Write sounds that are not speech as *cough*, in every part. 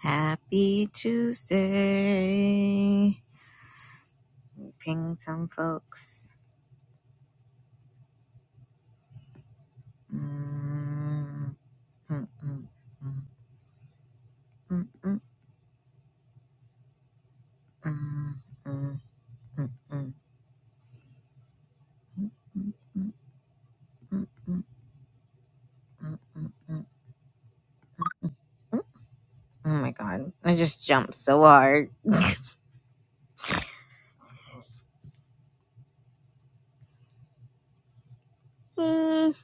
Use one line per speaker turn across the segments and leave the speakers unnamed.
Happy Tuesday. Ping some folks. Mm, mm, mm, mm, mm, mm, mm, mm, mm, mm, mm, mm, mm, mm, mm, mm, mm. Oh my god, I just jumped so hard. Mm.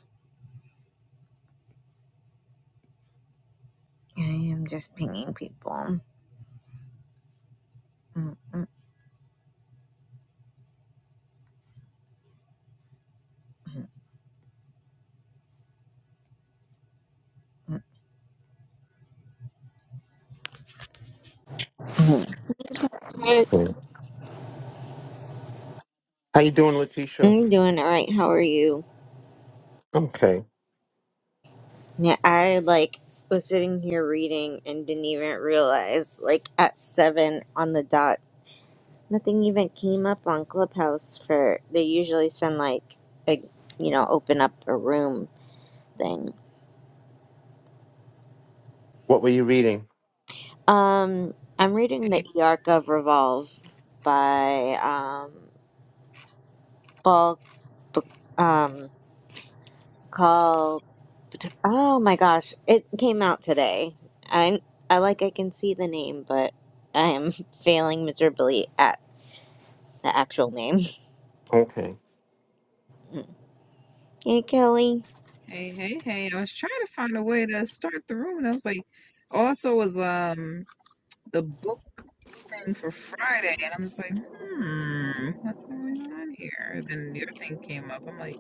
I am just pinging people. Mm, mm, mm. Good.
Okay. How you doing, Letitia?
I'm doing alright, how are you?
Okay.
Yeah, I like was sitting here reading and didn't even realize like at seven on the dot, nothing even came up on Clubhouse for they usually send like a you know open up a room thing.
What were you reading?
Um, I'm reading the
Hey,
Yark of Revolve by um Paul B- um Call. Oh my gosh, it came out today. I I like I can see the name, but I am *laughs* failing miserably at. the actual name. *laughs*
Okay.
Hey, Kelly.
hey, hey, hey. I was trying to find a way to start the room and I was like also was um the book thing for Friday and I was like, hmm, what's going on here? And then the other thing came up. I'm like,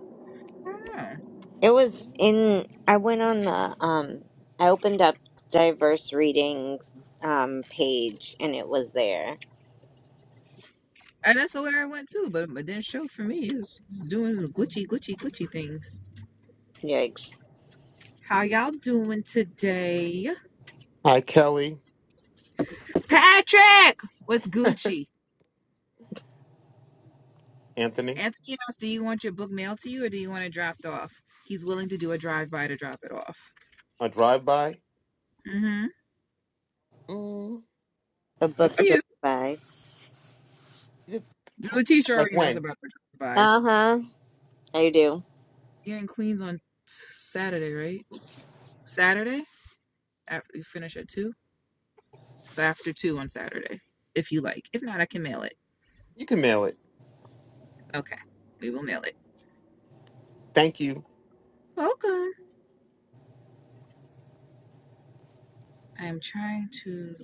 I don't know.
It was in. I went on the. Um, I opened up diverse readings um page, and it was there.
And that's where I went too, but it didn't show for me. It's, it's doing glitchy, glitchy, glitchy things.
Yikes!
How y'all doing today?
Hi, Kelly.
Patrick! What's Gucci?
Anthony.
Anthony else, do you want your book mailed to you or do you want it dropped off? He's willing to do a drive by to drop it off.
A drive-by?
Mm-hmm.
Mm,
A
Up
book
to
drove
you.
by.
you did-
Letitia
like
already knows
when?
about her
Uh
buys.
huh. I do.
Yeah, in Queens on s- Saturday, right? Saturday? After you finish at two? So after two on Saturday, if you like. If not, I can mail it.
You can mail it.
Okay. We will mail it.
Thank you.
Welcome. I am trying to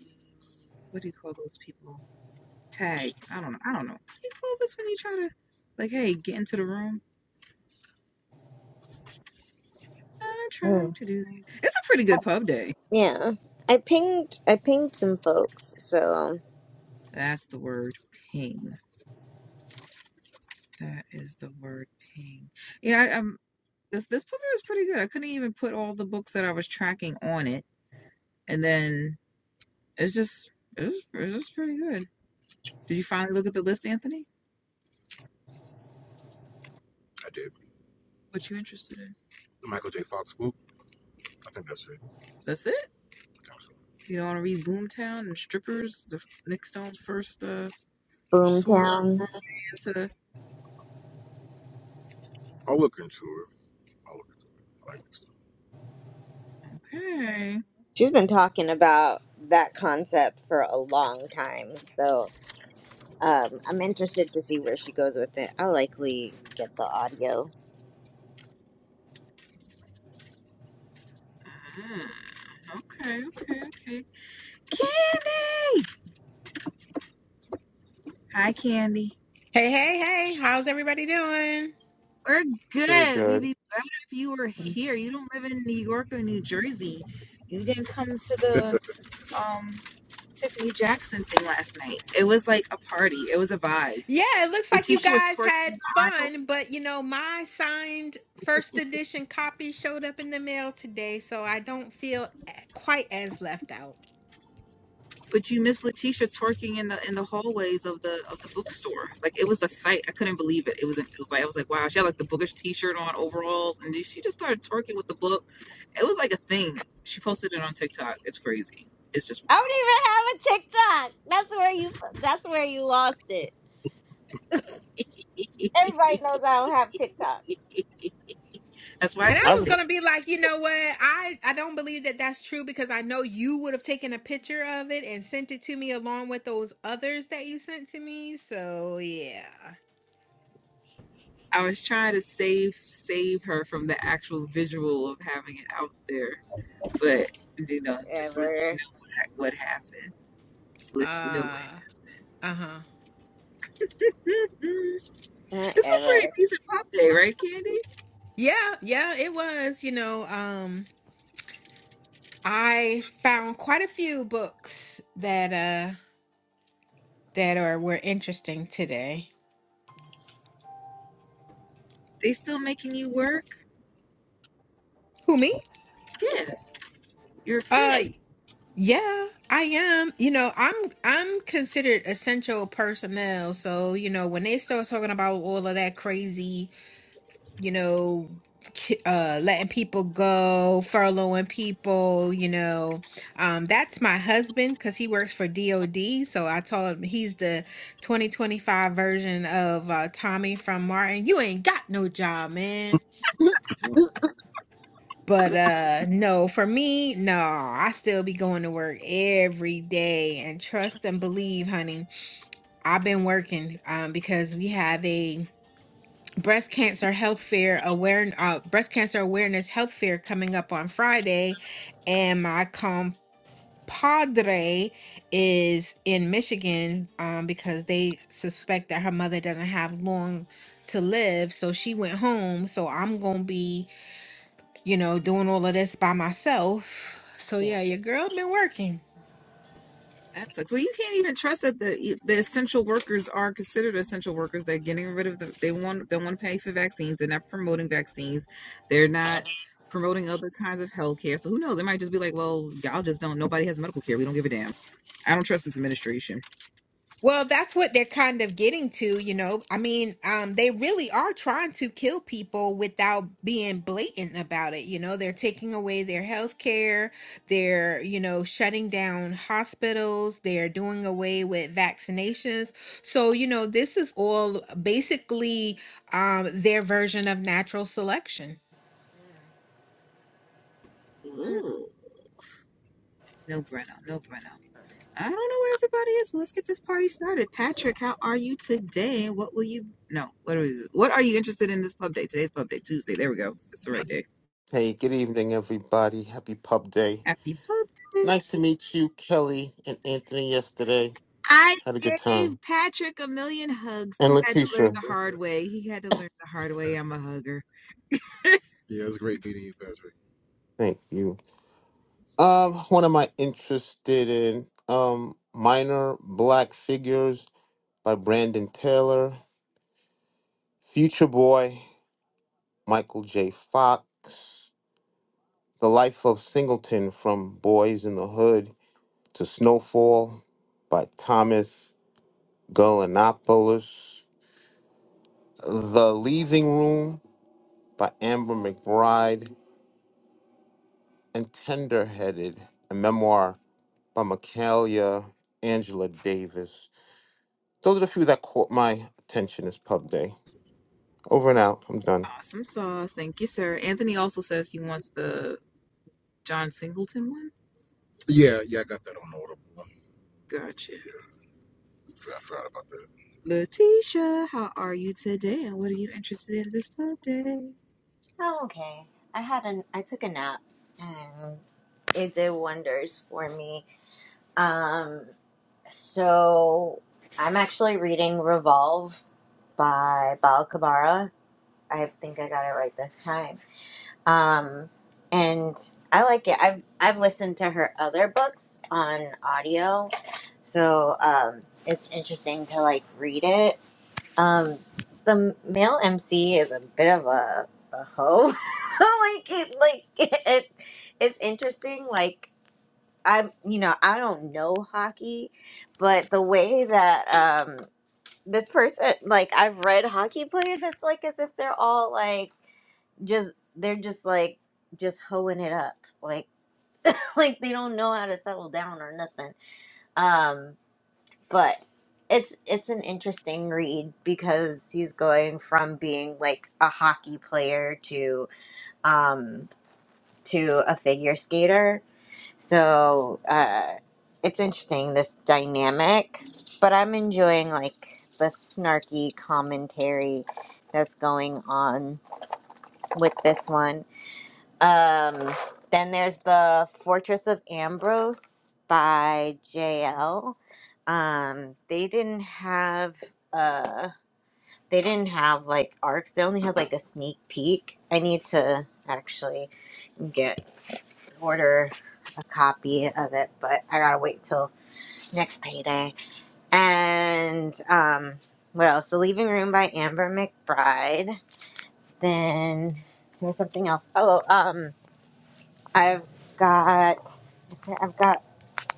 what do you call those people? Tag. I don't know. I don't know. What do you call this when you try to like, hey, get into the room? I'm trying
Mm.
to do that. It's a pretty good pub day.
Yeah. I pinged. I pinged some folks. So
That's the word ping. That is the word ping. Yeah, I'm. this this puppy was pretty good. I couldn't even put all the books that I was tracking on it, and then it's just it was it was pretty good. Did you finally look at the list, Anthony? I did. What you interested in? The Michael J. Fox book. I think that's it. That's it. I think so. You don't want to read Boomtown and Strippers, the Nick Stone's first uh sword
Boomtown.
romance. I'll look into it. I'll look into it. like next time. Okay.
She's been talking about that concept for a long time. So um, I'm interested to see where she goes with it. I'll likely get the audio
Mm, Okay, okay, okay. Candy! Hi, Candy.
Hey, hey, hey, how's everybody doing?
We're
Pretty
good. We'd
good.
be better if you were here. You don't live in New York or New Jersey. You didn't come to the um, Tiffany Jackson thing last night. It was like a party. It was a vibe.
Yeah, it looks like you
Letitia was
guys
twerking
had
in the
fun,
aisles,
but you know, my signed first edition copy showed up in the mail today, so I don't feel quite as left out.
but you missed Letitia twerking in the in the hallways of the of the bookstore. Like it was a sight. I couldn't believe it. It was it was like I was like wow. She had like the bookish T-shirt on, overalls, and she just started twerking with the book. It was like a thing. She posted it on TikTok. It's crazy. It's just wild.
I don't even have a TikTok. That's where you. That's where you lost it. Everybody knows I don't have TikTok.
*laughs* That's why I
And
said
I
I
was
was
ab-
gonna
it.
be like, you know what? I I don't believe that that's true because I know you would have taken a picture of it and sent it to me along with those others that you sent to me. So yeah,
I was trying to save save her from the actual visual of having it out there, but you know, just let you
Ever,
know what ha- what happened. Just let you know what.
uh, uh huh,
Mm,
*laughs* Mm,
it's a pretty
ever.
decent pop day, right, Candy?
yeah, yeah. It was, you know, um, I found quite a few books that uh that are were interesting today.
They still making you work?
Who me?
Yeah, you're fed.
Uh yeah, I am. You know, I'm I'm considered essential personnel, so you know, when they start talking about all of that crazy you know, ki- uh, letting people go, furloughing people, you know. Um, that's my husband because he works for DOD. So I told him he's the 2025 version of uh, Tommy from Martin. You ain't got no job, man. But uh no, for me, no, I still be going to work every day and trust and believe, honey. I've been working um because we have a breast cancer health fair aware uh, breast cancer awareness health fair coming up on Friday, and my compadre is in Michigan um, because they suspect that her mother doesn't have long to live, so she went home. So I'm gonna be, you know, doing all of this by myself. So yeah, your girl been working.
That sucks. Well, you can't even trust that the the essential workers are considered essential workers. They're getting rid of them. they want they want to pay for vaccines. They're not promoting vaccines. They're not promoting other kinds of health care. So who knows? It might just be like, well, y'all just don't. Nobody has medical care. We don't give a damn. I don't trust this administration.
Well, that's what they're kind of getting to, you know. I mean, um, they really are trying to kill people without being blatant about it. You know, they're taking away their health care, they're, you know, shutting down hospitals, they're doing away with vaccinations. So, you know, this is all basically um, their version of natural selection.
Mm.
Ooh, no Breno, no Breno. I don't know where everybody is, but let's get this party started. Patrick, how are you today? What will you no, what are you, what are you interested in this pub day? Today's pub day, Tuesday. There we go. That's the right day.
hey, good evening, everybody. Happy Pub Day.
Happy pub day.
Nice to meet you, Kelly and Anthony, yesterday.
I
Had a good time.
gave Patrick a million hugs.
And
He had to learn
Letitia.
the hard way. He had to learn the hard way. I'm a hugger. *laughs* Yeah, it's great meeting you, Patrick.
Thank you. Um, what am I interested in? Um, Minor Black Figures by Brandon Taylor. Future Boy, Michael J. Fox, The Life of Singleton from Boys in the Hood to Snowfall by Thomas Golanopoulos, The Leaving Room by Amber McBride, and Tenderheaded, a memoir by Michaelia Angela Davis. Those are the few that caught my attention this pub day. Over and out. I'm done.
Awesome sauce. Thank you, sir. Anthony also says he wants the John Singleton one. Yeah, yeah, I got that on audible. Gotcha. I forgot about that. Letitia, how are you today? And what are you interested in this pub day?
Oh, okay. I had an. I took a nap, and it did wonders for me. Um. So I'm actually reading Revolve by Bal Kabara. I think I got it right this time. Um, and I like it. I've I've listened to her other books on audio, so um, it's interesting to like read it. Um, the male MC is a bit of a, a hoe. *laughs* like it, like *laughs* it, it's interesting. Like I'm, you know, I don't know hockey, but the way that um this person, like I've read hockey players, it's like as if they're all like just they're just like just hoeing it up like *laughs* like they don't know how to settle down or nothing um but it's it's an interesting read because he's going from being like a hockey player to um to a figure skater so uh it's interesting this dynamic but i'm enjoying like the snarky commentary that's going on with this one Um, then there's the Fortress of Ambrose by JL. Um, they didn't have uh they didn't have like arcs. They only had like a sneak peek. I need to actually get order a copy of it, but I gotta wait till next payday. And um, what else? The Leaving Room by Amber McBride. Then there's something else. Oh, um. I've got what's it- I've got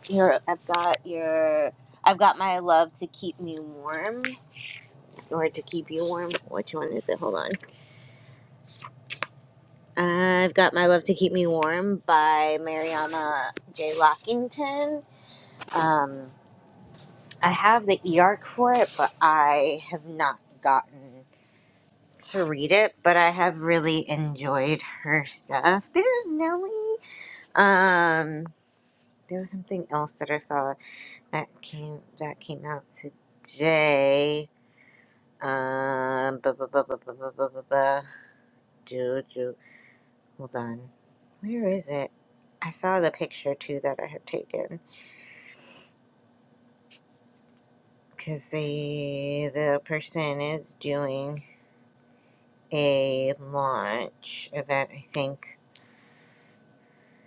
your I've got your I've got my love to keep me warm or to keep you warm. Which one is it? Hold on. I've got my love to keep me warm by Mariama J. Lockington. Um, I have the EARC for it, but I have not gotten to read it. But I have really enjoyed her stuff. There's Nellie. Um, there was something else that I saw That came that came out today. Um, ba ba ba ba ba ba ba ba ba. Do do. Hold on. Where is it? I saw the picture too that I had taken because the the person is doing a launch event. I think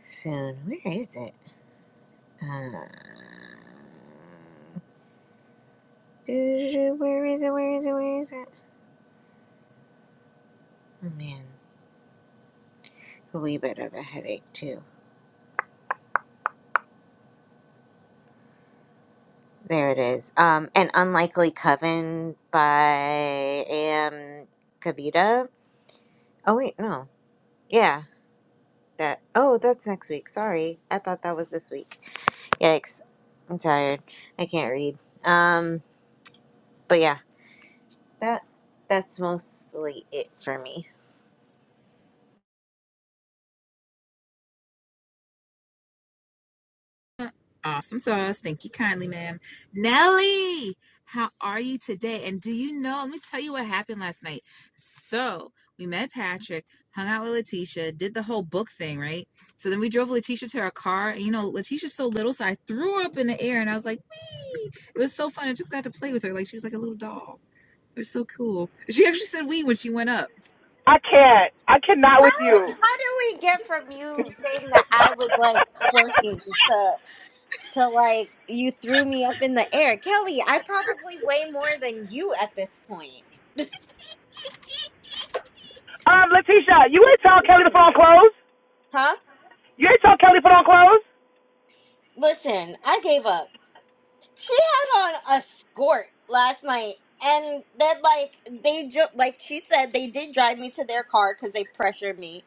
soon. Where is it? Uh, do, do, do, where is it? Where is it? Where is it? Oh man, a wee bit of a headache too. There it is. Um, An Unlikely Coven by A.M. Kavita. Oh, wait, no. Yeah, that. Oh, that's next week. Sorry. I thought that was this week. Yikes. I'm tired. I can't read. Um, but yeah, that that's mostly it for me.
Awesome sauce. Thank you kindly, ma'am. Nelly, how are you today? And do you know? Let me tell you what happened last night. So we met Patrick, hung out with Letitia, did the whole book thing, right? So then we drove Letitia to our car. And you know, Letitia's so little, so I threw her up in the air and I was like, wee. It was so fun. I just got to play with her. Like she was like a little doll. It was so cool. She actually said wee when she went up.
I can't. I cannot with
How do
you.
we get from you saying that
*laughs*
I was like twerking to to like you threw me up in the air, Kelly? I probably weigh more than you at this point,
um, Letitia, you ain't told Kelly to put on clothes.
huh?
You ain't told Kelly to put on clothes,
Listen, I gave up. She had on a skirt last night, and then like they ju- like she said they did drive me to their car because they pressured me,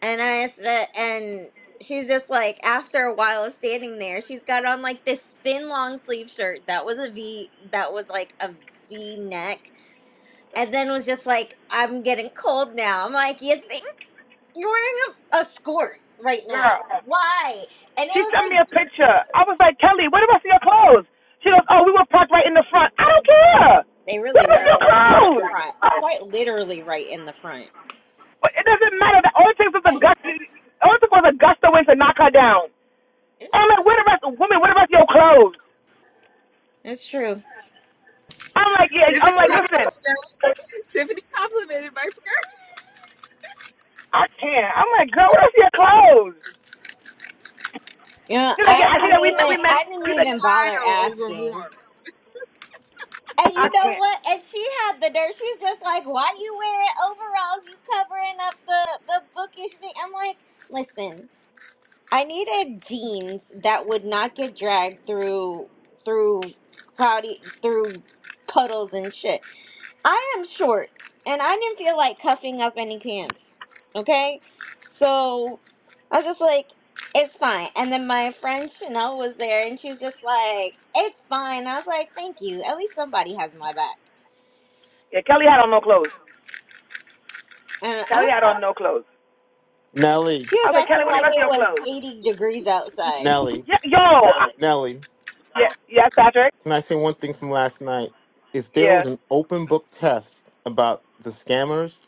and I said, and she's just like after a while of standing there, she's got on like this thin long sleeve shirt that was a V that was like a V neck, and then was just like I'm getting cold now. I'm like, you think you're wearing a, a skirt right now?
girl.
Why? And it
She
was
sent
like
me a
drizzling.
picture. I was like, Kelly, where do I see your clothes? She goes, Oh, we were parked right in the front. I don't care.
They
Where
really
do I see
were
your
parked right in
clothes?
the front, quite literally right in the front.
But it doesn't matter. The only thing was a gust. The only thing was a gust of wind to knock her down.
It's
I'm
true.
like, where the rest, of women, where the rest of your clothes?
It's true.
I'm like, yeah.
Tiffany
I'm like, listen,
was my Tiffany complimented my skirt.
I can't. I'm like, girl, where the I see your clothes?
You know,
She like,
I
I think
didn't
that we
I
met,
even
we
was
met,
I
going
didn't
for
she like,
even bother
style over
asking.
warmth.
And
I
you know
can't.
what? And she had the nerve. She was just like, "Why do you wearing overalls? You covering up the the bookish thing." I'm like, "Listen, I needed jeans that would not get dragged through through cloudy through puddles and shit." I am short, and I didn't feel like cuffing up any pants. Okay, so I was just like, "It's fine." And then my friend Chanel was there, and she was just like, "It's fine." I was like, "Thank you. At least somebody has my back."
Yeah, Kelly had on no clothes.
And I
Kelly
was,
had on no clothes.
Nelly,
she
I
was
was like, Kelly,
acting
what are the
like
rest
it
of your
was
clothes?
eighty degrees outside.
Nelly,
Yeah, yo. I,
Nelly.
yeah, yes, Patrick.
Can I say one thing from last night? If there
Yeah.
was an open book test about the scammers,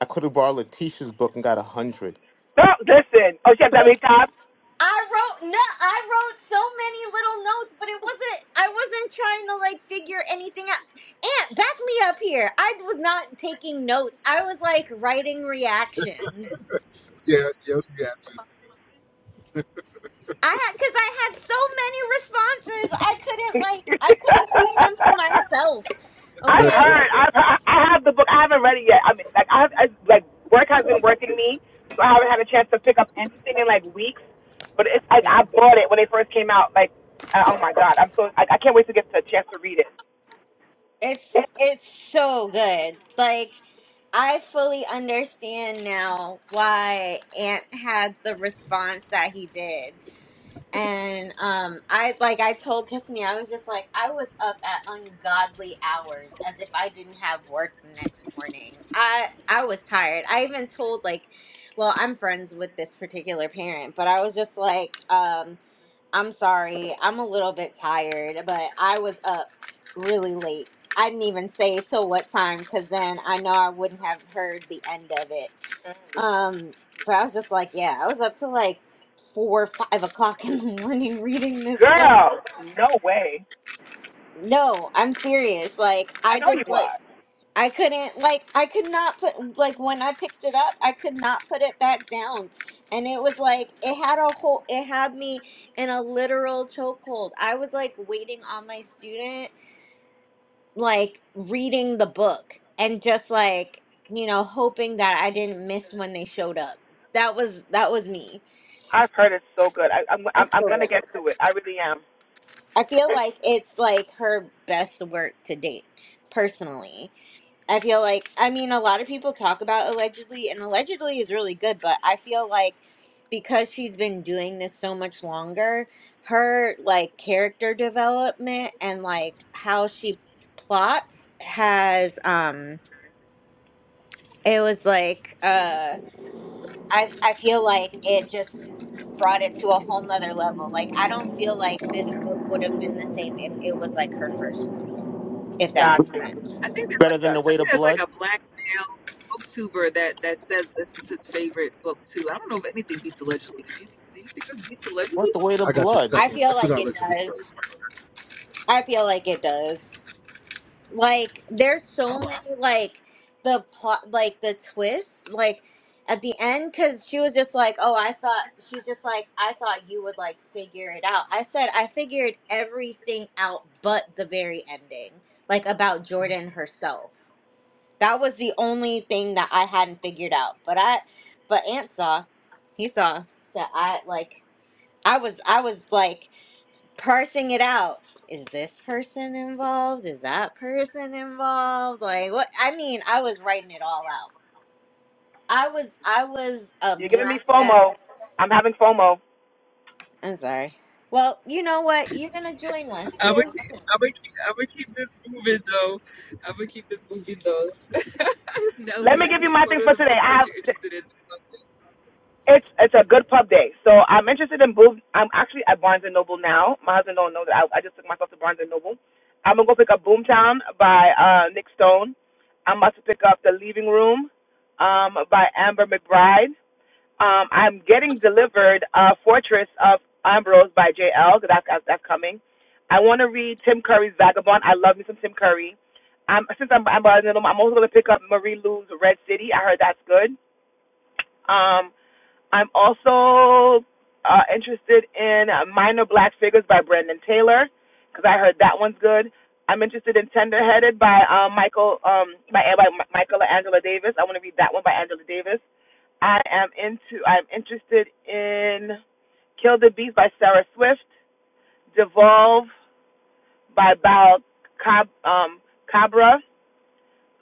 I could have borrowed Letitia's book and got a hundred.
No, listen. Oh, she has that many tops.
I wrote no I wrote so many little notes, but it wasn't I wasn't trying to like figure anything out. Aunt, back me up here. I was not taking notes. I was like writing reactions.
Yeah, yes, yeah. *laughs*
I had cuz I had so many responses. I
*laughs*
couldn't like I couldn't keep them to myself.
I've
Okay?
heard. I've heard, I have the book. I haven't read it yet. I mean, like I, I like work has been working me, so I haven't had a chance to pick up anything in like weeks. But it's like
Damn.
I bought it when it first came out. Like, uh, oh my god, I'm so I, I can't wait to get a chance to read it. *laughs*
It's it's so good. Like I fully understand now why Aunt had the response that he did And um, I like I told Tiffany, I was just like I was up at ungodly hours, as if I didn't have work the next morning. I I was tired. I even told like, well, I'm friends with this particular parent, but I was just like, um, I'm sorry, I'm a little bit tired, but I was up really late. I didn't even say till what time, because then I know I wouldn't have heard the end of it um, but I was just like, yeah, I was up to like four or five o'clock in the *laughs* morning reading this book.
Girl, no way.
No, I'm serious. Like,
I
I
know you
just like
are.
I couldn't like I could not put like when I picked it up, I could not put it back down. And it was like it had a whole it had me in a literal chokehold. I was like waiting on my student, like reading the book and just like, you know, hoping that I didn't miss when they showed up. That was that was me
I've heard it's so good. I, I'm I'm
It's
I'm
so
gonna
good.
get to it. I really am.
I feel like it's like her best work to date, personally. I feel like, I mean, a lot of people talk about allegedly, and allegedly is really good, but I feel like because she's been doing this so much longer, her like character development and like how she plots has, um, it was like, uh. I I feel like it just brought it to a whole nother level. Like I don't feel like this book would have been the same if it was like her first book, if that
Got
makes
you.
sense.
I think there's like
Better than
Done.
the
I
weight
think
of
there's like
blood.
a black male booktuber that that says this is his favorite book too. I don't know if anything beats allegedly. Did you do you think this beats
What
allegedly?
the weight of
I got the
blood?
I
second.
feel
I still
like
got
it
allegedly
does.
first.
I feel like it does. Like there's so
Oh,
many like the plot like the twists like at the end cuz she was just like, "Oh, I thought she was just like, I thought you would like figure it out." I said I figured everything out but the very ending, like about Jordan herself That was the only thing that I hadn't figured out. But I, but Ant saw, he saw that I like. I was I was like parsing it out. Is this person involved? Is that person involved? Like what? I mean, I was writing it all out. I was I was a
You're giving me
black ass.
FOMO. I'm having FOMO.
I'm sorry. Well, you know what? You're gonna join us.
I'm gonna keep, I'm gonna keep, I'm gonna keep this moving though. I'm gonna keep this moving though. *laughs*
Let me
Nelly,
give you my
what
things
are
for
the
today.
books
I
that
have
you're interested in? This book,
it's it's a good pub day. So I'm interested in boob. I'm actually at Barnes and Noble now. My husband don't know that I, I just took myself to Barnes and Noble. I'm gonna go pick up Boomtown by uh Nick Stone. I'm about to pick up The Leaving Room um by Amber McBride. Um, I'm getting delivered uh, Fortress of Ambrose by JL. That's, that's, that's coming. I want to read Tim Curry's Vagabond. I love me some Tim Curry. Um, since I'm, I'm, buying them, I'm also going to pick up Marie Lou's Red City. I heard that's good. Um, I'm also uh, interested in uh, Minor Black Figures by Brandon Taylor because I heard that one's good. I'm interested in Tenderheaded by um, Michael um, by, by Michaela Angela Davis. I want to read that one by Angela Davis. I am into I'm interested in Kill the Bees by Sarah Swift, Devolve by Bal Cab, um, Cabra,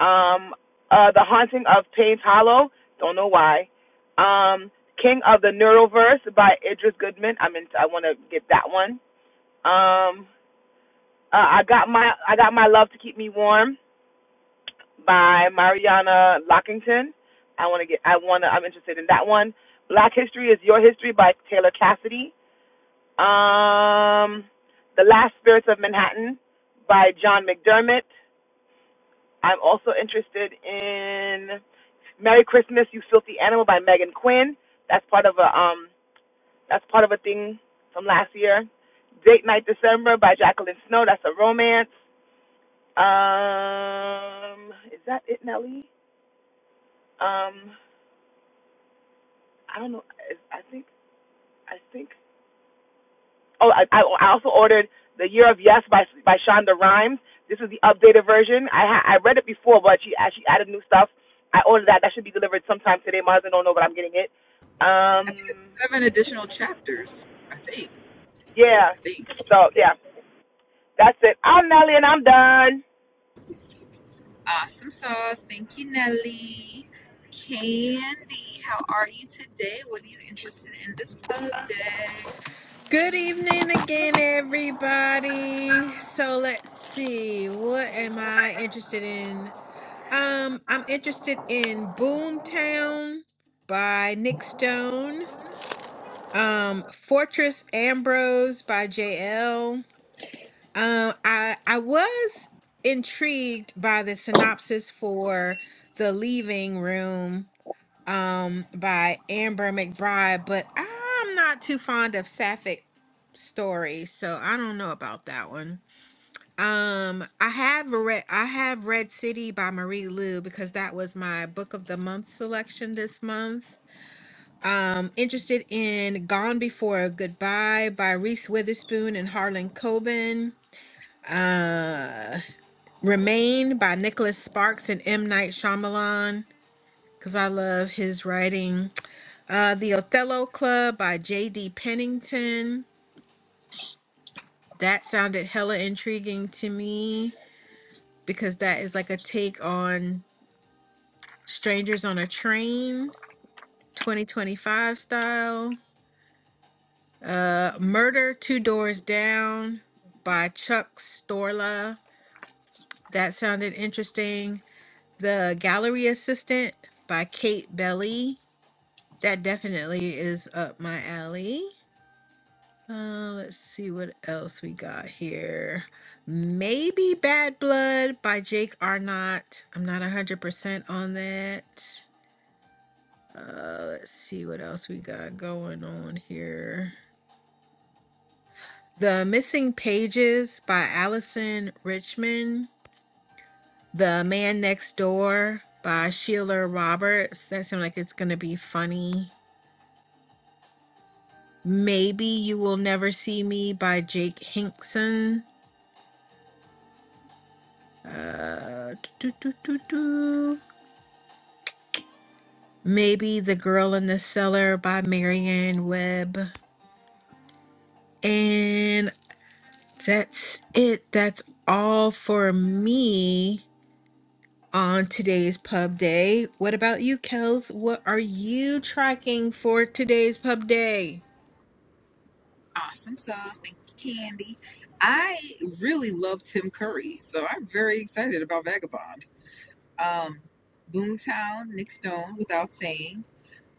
um, uh, The Haunting of Page Hollow, don't know why, um, King of the Neuroverse by Idris Goodman. I'm into, I want to get that one. Um, uh, I got my I got my love to keep me warm by Mariana Lockington. I want to get. I want to. I'm interested in that one. Black History is Your History by Taylor Cassidy. Um, The Last Spirits of Manhattan by John McDermott. I'm also interested in Merry Christmas, You Filthy Animal by Megan Quinn. That's part of a um. That's part of a thing from last year. Date Night December by Jacqueline Snow. That's a romance. Um, is that it, Nelly? Um, I don't know. I think I think. Oh, I, I also ordered the Year of Yes by by Shonda Rhimes. This is the updated version. I ha- I read it before, but she actually added new stuff. I ordered that. That should be delivered sometime today. My husband don't know, but I'm getting it.
I think
Um,
it's seven additional chapters. I think, I
yeah.
think.
So yeah, that's it. I'm Nelly, and I'm done.
Awesome sauce. Thank you, Nelly. Candy, how are you today? What are you interested in this club day?
Good evening again, everybody. So let's see, what am I interested in? Um, I'm interested in Boomtown by Nick Stone. Um, Fortress Ambrose by JL. Um, I I was intrigued by the synopsis for The Leaving Room um by Amber McBride, but I'm not too fond of sapphic stories, so I don't know about that one. Um, I have read I have read City by Marie Lu because that was my book of the month selection this month. Um, interested in Gone Before Goodbye by Reese Witherspoon and Harlan Coben. Uh, Remain by Nicholas Sparks and M. Night Shyamalan because I love his writing. Uh, The Othello Club by J.D. Pennington. That sounded hella intriguing to me because that is like a take on Strangers on a Train, 2025 style. Uh, Murder Two Doors Down by Chuck Storla. That sounded interesting. The Gallery Assistant by Kate Belly. That definitely is up my alley. Uh, let's see what else we got here. Maybe Bad Blood by Jake Arnott. I'm not 100% on that. Uh, let's see what else we got going on here. The Missing Pages by Allison Richmond. The Man Next Door by Sheila Roberts. That sounds like it's going to be funny. Maybe You Will Never See Me by Jake Hinkson. Uh, do, do, do, do. Maybe The Girl in the Cellar by Marianne Webb. And that's it. That's all for me. on today's pub day. What about you, Kels? What are you tracking for today's pub day?
Awesome sauce. Thank you, Candy. I really love Tim Curry, so I'm very excited about Vagabond. Um, Boomtown, Nick Stone, without saying.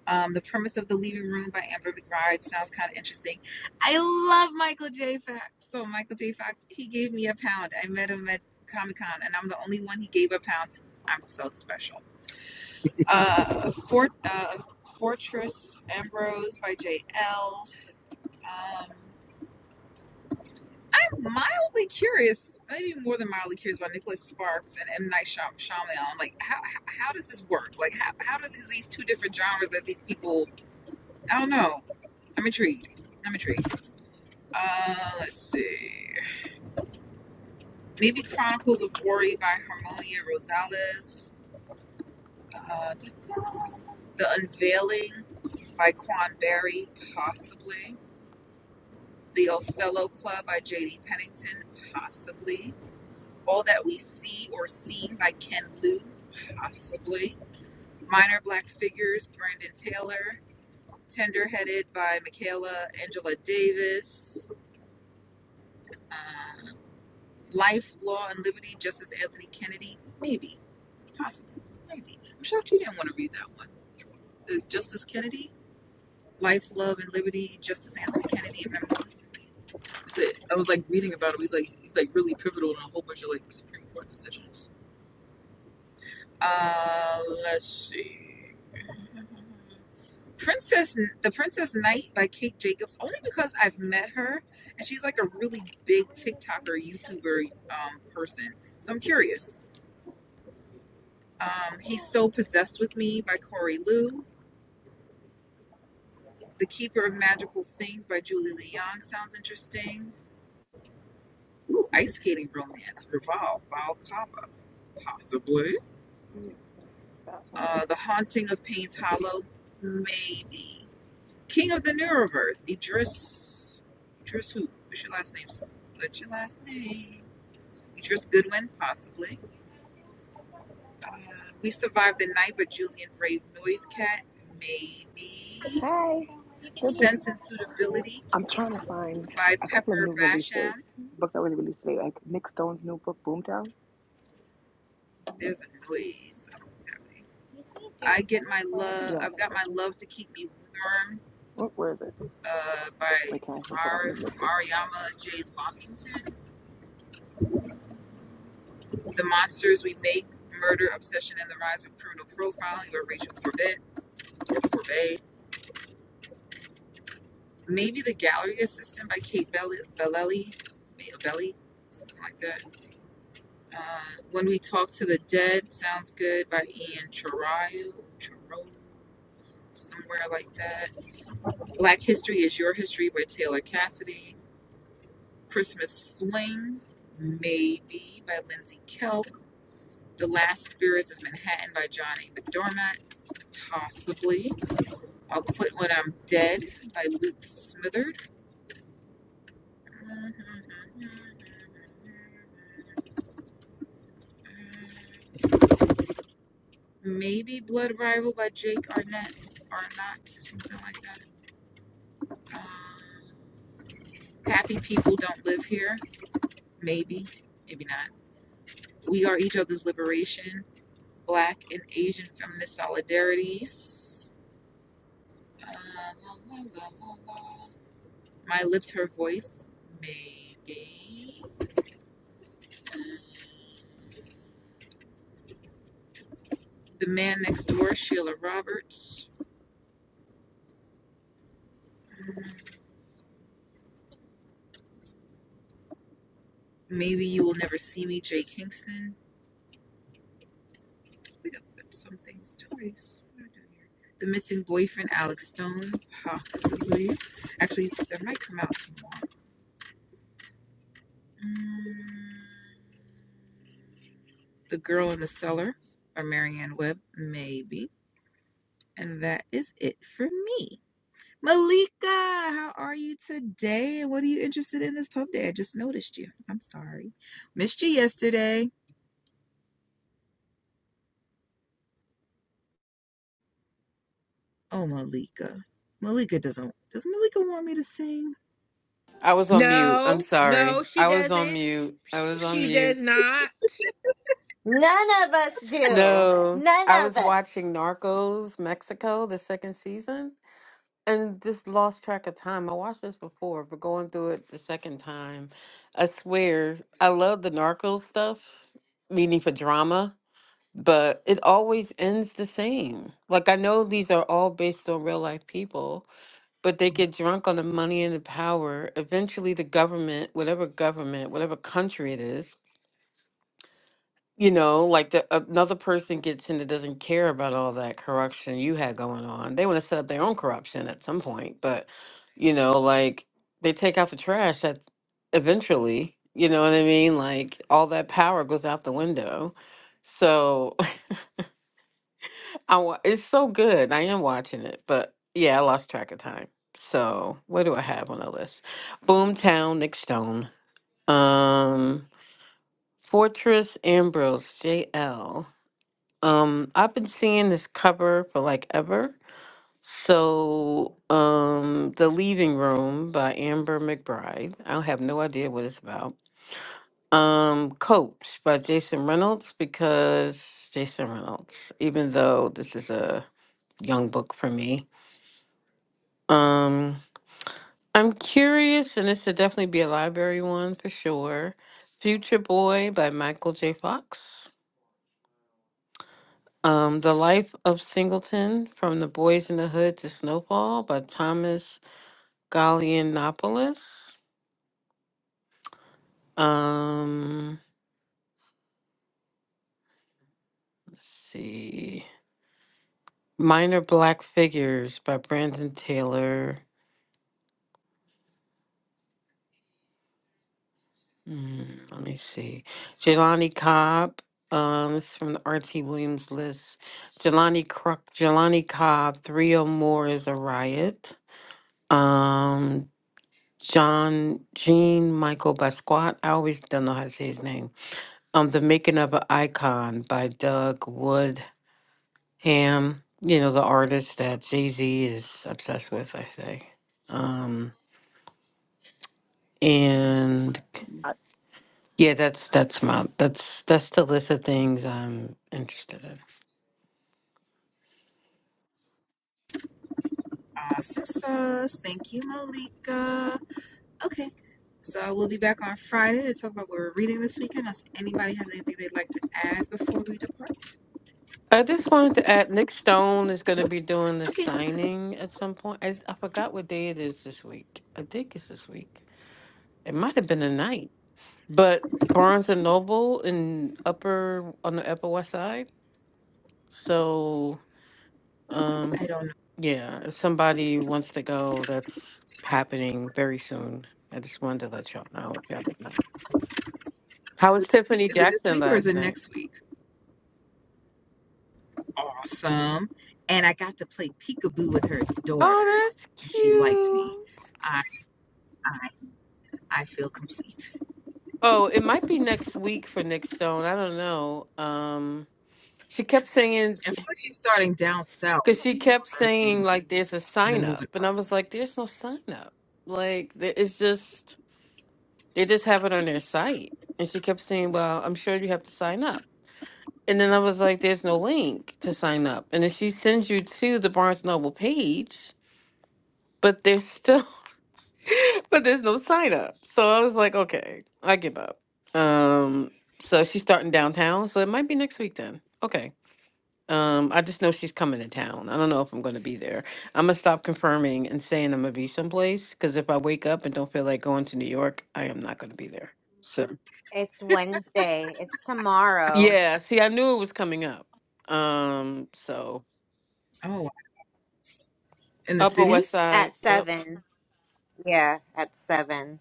Um, the premise of the Leaving Room by Amber McBride sounds kind of interesting. I love Michael J. Fox. So Michael J. Fox, he gave me a pound. I met him at Comic Con, and I'm the only one he gave a pound to. I'm so special. Uh, Fort uh, Fortress Ambrose by J. L. Um, I'm mildly curious, maybe more than mildly curious, about Nicholas Sparks and M. Night Shyamalan. I'm like, how, how how does this work? Like, how how do these two different genres that these people? I don't know Let me intrigued. Let me intrigued. Uh, let's see. Maybe Chronicles of Ori by Harmonia Rosales. Uh, da-da. the Unveiling by Quan Berry, possibly. The Othello Club by J.D. Pennington, possibly. All That We See or Seen by Ken Liu, possibly. Minor Black Figures, Brandon Taylor. Tender Headed by Michaela Angela Davis. Uh. Life, Law, and Liberty, Justice Anthony Kennedy? Maybe. Possibly. Maybe. I'm shocked you didn't want to read that one. The Justice Kennedy? Life, Love, and Liberty, Justice Anthony Kennedy, a memoir. That's it. I was like reading about him. He's like he's like really pivotal in a whole bunch of like Supreme Court decisions. Uh let's see. Princess The Princess Knight by Kate Jacobs, only because I've met her and she's like a really big TikToker, YouTuber um person. So I'm curious. Um, He's So Possessed with Me by Corey Liu. The Keeper of Magical Things by Julie Leong sounds interesting. Ooh, Ice Skating Romance, Revolve by possibly. Uh, the Haunting of Payne's Hollow, maybe. King of the Neuroverse, Idris. Idris who? What's your last name? What's your last name? Idris Goodwin, possibly. Uh, we Survived the Night by Julian Brave Noise Cat, maybe. Sense and Suitability
I'm trying to find
by Pepper Basham.
books that were released today. Like,
There's a noise. I don't know what's happening. I get my love.
yeah.
I've got my love to keep me warm. Uh, by Mar- Mariama J. Lockington. The monsters we make: murder, obsession, and the rise of criminal profiling. By Rachel Corbett or Corbet. Maybe the gallery assistant by Kate Bell- Bellelli. Belli, something like that. Uh, when we talk to the dead sounds good by Ian Chirayo. Chiro, somewhere like that Black History is Your History by Taylor Cassidy. Christmas Fling, Maybe by Lindsay Kelk. The Last Spirits of Manhattan by Johnny McDormand, possibly. I'll Quit When I'm Dead by Luke Smitherd. Maybe Blood Rival by Jake Arnett, Arnott, something like that. Um, Happy People Don't Live Here, maybe, maybe not. We Are Each Other's Liberation Black and Asian Feminist Solidarities. Uh, la, la, la, la, la. My Lips, Her Voice. Maybe. The Man Next Door, Sheila Roberts. Mm, Maybe You Will Never See Me, Jay Kingston. We got some things twice. The Missing Boyfriend, Alex Stone. Possibly. Actually, that might come out tomorrow. Mm, the Girl in the Cellar by Marianne Webb. Maybe. And that is it for me. Malika, how are you today? What are you interested in this pub day? I just noticed you. I'm sorry. Missed you yesterday. Oh, Malika. Malika doesn't. Does Malika want me to sing?
I was on mute. I'm
No, no,
sorry.
she
I was on
doesn't.
mute. I was on
She
mute.
does not.
None of us do.
No,
None
I
of
was
us.
watching Narcos Mexico, the second season, and just lost track of time. I watched this before, but going through it the second time, I swear, I love the Narcos stuff, meaning for drama, but it always ends the same. Like, I know these are all based on real life people, but they get drunk on the money and the power. Eventually, the government, whatever government, whatever country it is, you know, like the uh, another person gets in that doesn't care about all that corruption you had going on. They want to set up their own corruption at some point, but you know, like they take out the trash that eventually, you know what I mean? Like all that power goes out the window. So *laughs* I wa- it's so good. I am watching it, but yeah, I lost track of time. So what do I have on the list? Boomtown, Nick Stone, um, Fortress Ambrose, JL. Um, I've been seeing this cover for like ever. So, um, The Leaving Room by Amber McBride. I have no idea what it's about. Um, Coach by Jason Reynolds because Jason Reynolds, even though this is a young book for me. Um, I'm curious, and this would definitely be a library one for sure. Future Boy by Michael J. Fox. Um, The Life of Singleton From the Boys in the Hood to Snowfall by Thomas Gallianopoulos. Um, let's see. Minor Black Figures by Brandon Taylor. Mm, let me see. Jelani Cobb. Um, this is from the R.T. Williams list. Jelani, Cro- Jelani Cobb, Three or More is a Riot. Um, John Jean Michael Basquiat. I always don't know how to say his name. um, The Making of an Icon by Doug Woodham. You know, the artist that Jay Z is obsessed with, I say. Um, and
Uh,
yeah, that's that's my that's that's the list of things I'm interested in.
Awesome sauce. Thank you, Malika. Okay. So we'll be back on Friday to talk about what we're reading this weekend. Unless anybody has anything they'd like to add before we depart?
I just wanted to add Nick Stone is going to
Nope.
be doing the
Okay.
signing at some point. I, I forgot what day it is this week. I think it's this week. It might have been a night, but Barnes and Noble in upper on the Upper West Side. So Um,
I don't know.
yeah, if somebody wants to go, that's happening very soon. I just wanted to let y'all know if y'all didn't know. How was Tiffany
Is it this
Jackson
week or is
last
it
night?
next week? awesome. And I got to play peekaboo with her daughter,
Oh, that's
and she liked me.
cute.
I I I feel complete.
Oh, it might be next week for Nick Stone. I don't know. Um, she kept singing
I feel like she's starting down south
because she
for
kept
her
saying
thing,
like there's a
and then
sign up,
moving. up.
and I was like, there's no sign up. Like th- it's just they just have it on their site, and she kept saying, well, I'm sure you have to sign up. And then I was like, there's no link to sign up. And then she sends you to the Barnes Noble page, but there's still *laughs* but there's no sign up. So I was like, okay, I give up. Um so she's starting downtown, so it might be next week then. Okay. Um, I just know she's coming to town. I don't know if I'm gonna be there. I'm gonna stop confirming and saying I'm gonna be someplace because if I wake up and don't feel like going to New York, I am not gonna be there. So
It's Wednesday. It's tomorrow.
yeah, see, I knew it was coming up. Um, so
Oh, in the
Upper
Yeah,
city?
West Side,
at
yep.
seven. Yeah, at seven.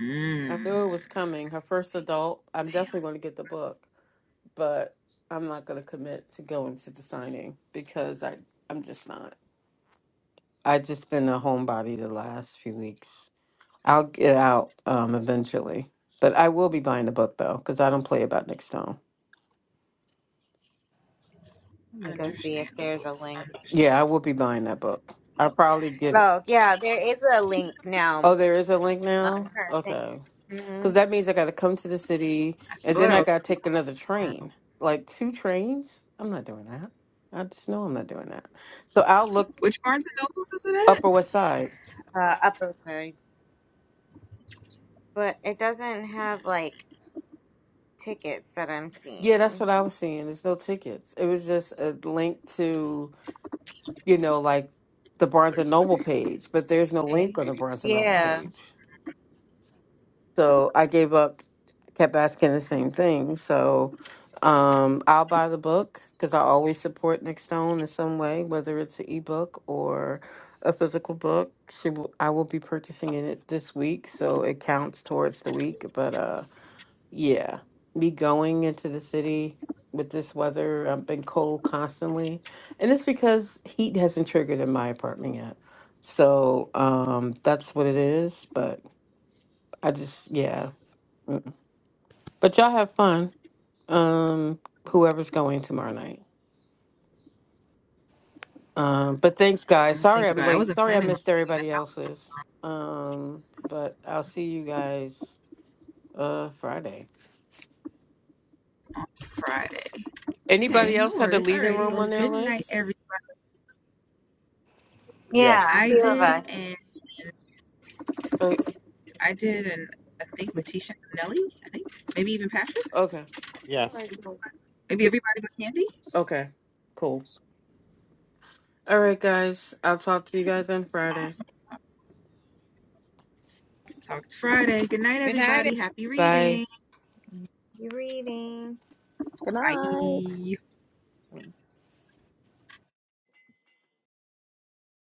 Mm,
I knew it was coming. Her first adult. I'm definitely
damn.
going to get the book, but I'm not going to commit to going to the signing because I I'm just not. I just been a homebody the last few weeks. I'll get out um eventually, but I will be buying the book though because I don't play about Nick Stone.
Let me go see if there's
Understandable.
a link.
Yeah,
Understandable.
I will be buying that book. I'll probably
Okay.
get it.
Oh, yeah, there is a link now
Oh, there is a link
on
now.
her thing.
Okay.
hmm
Because that means I got to come to the city
I
and
thought
then
I
I
was
got to take another
tomorrow.
train. Like two trains? I'm not doing that. I just know I'm not doing that. So I'll look
Which Barnes and Nobles is it
Upper West Side.
Uh, upper third, but it doesn't have like tickets that I'm
Yeah, that's
seeing.
what I was seeing. There's no tickets. It was just a link to, you know, like the Barnes and Noble
at?
page, but there's no link on the
80s.
Barnes and Noble
Yeah,
page. So I gave up, kept asking the same thing. So um, I'll buy the book because I always support Nick Stone in some way, whether it's an ebook or a physical book. She will, I will be purchasing it this week, so it counts towards the week. But uh, yeah, me going into the city with this weather, I've been cold constantly, and it's because heat hasn't triggered in my apartment yet. So um, that's what it is. But I just, yeah. mm. But y'all have fun. Um, whoever's going tomorrow night. Um, but thanks,
I'm
guys.
gonna
Sorry
think
I'm
about it. I
late.
wasn't
Sorry I
planning on
missed
leaving the
everybody
house tomorrow.
else's. Um, but I'll see you guys uh Friday.
on Friday. Okay,
Anybody else
no
had the
worries.
leaving
Alrighty.
room
Well,
on their
good night,
list?
everyone.
Yeah.
yeah, a
I
few of
did,
us.
and
Uh,
I did, and I think Letitia Nelly, I think, maybe even Patrick,
okay.
Yes.
All right. Cool.
maybe everybody but Candy.
Okay. Cool. All right, guys. I'll talk to you guys on Friday.
Awesome stuff. Talked Friday. Good night,
Good night,
everybody. Happy
Bye.
reading.
You reading?
Good night.
Bye.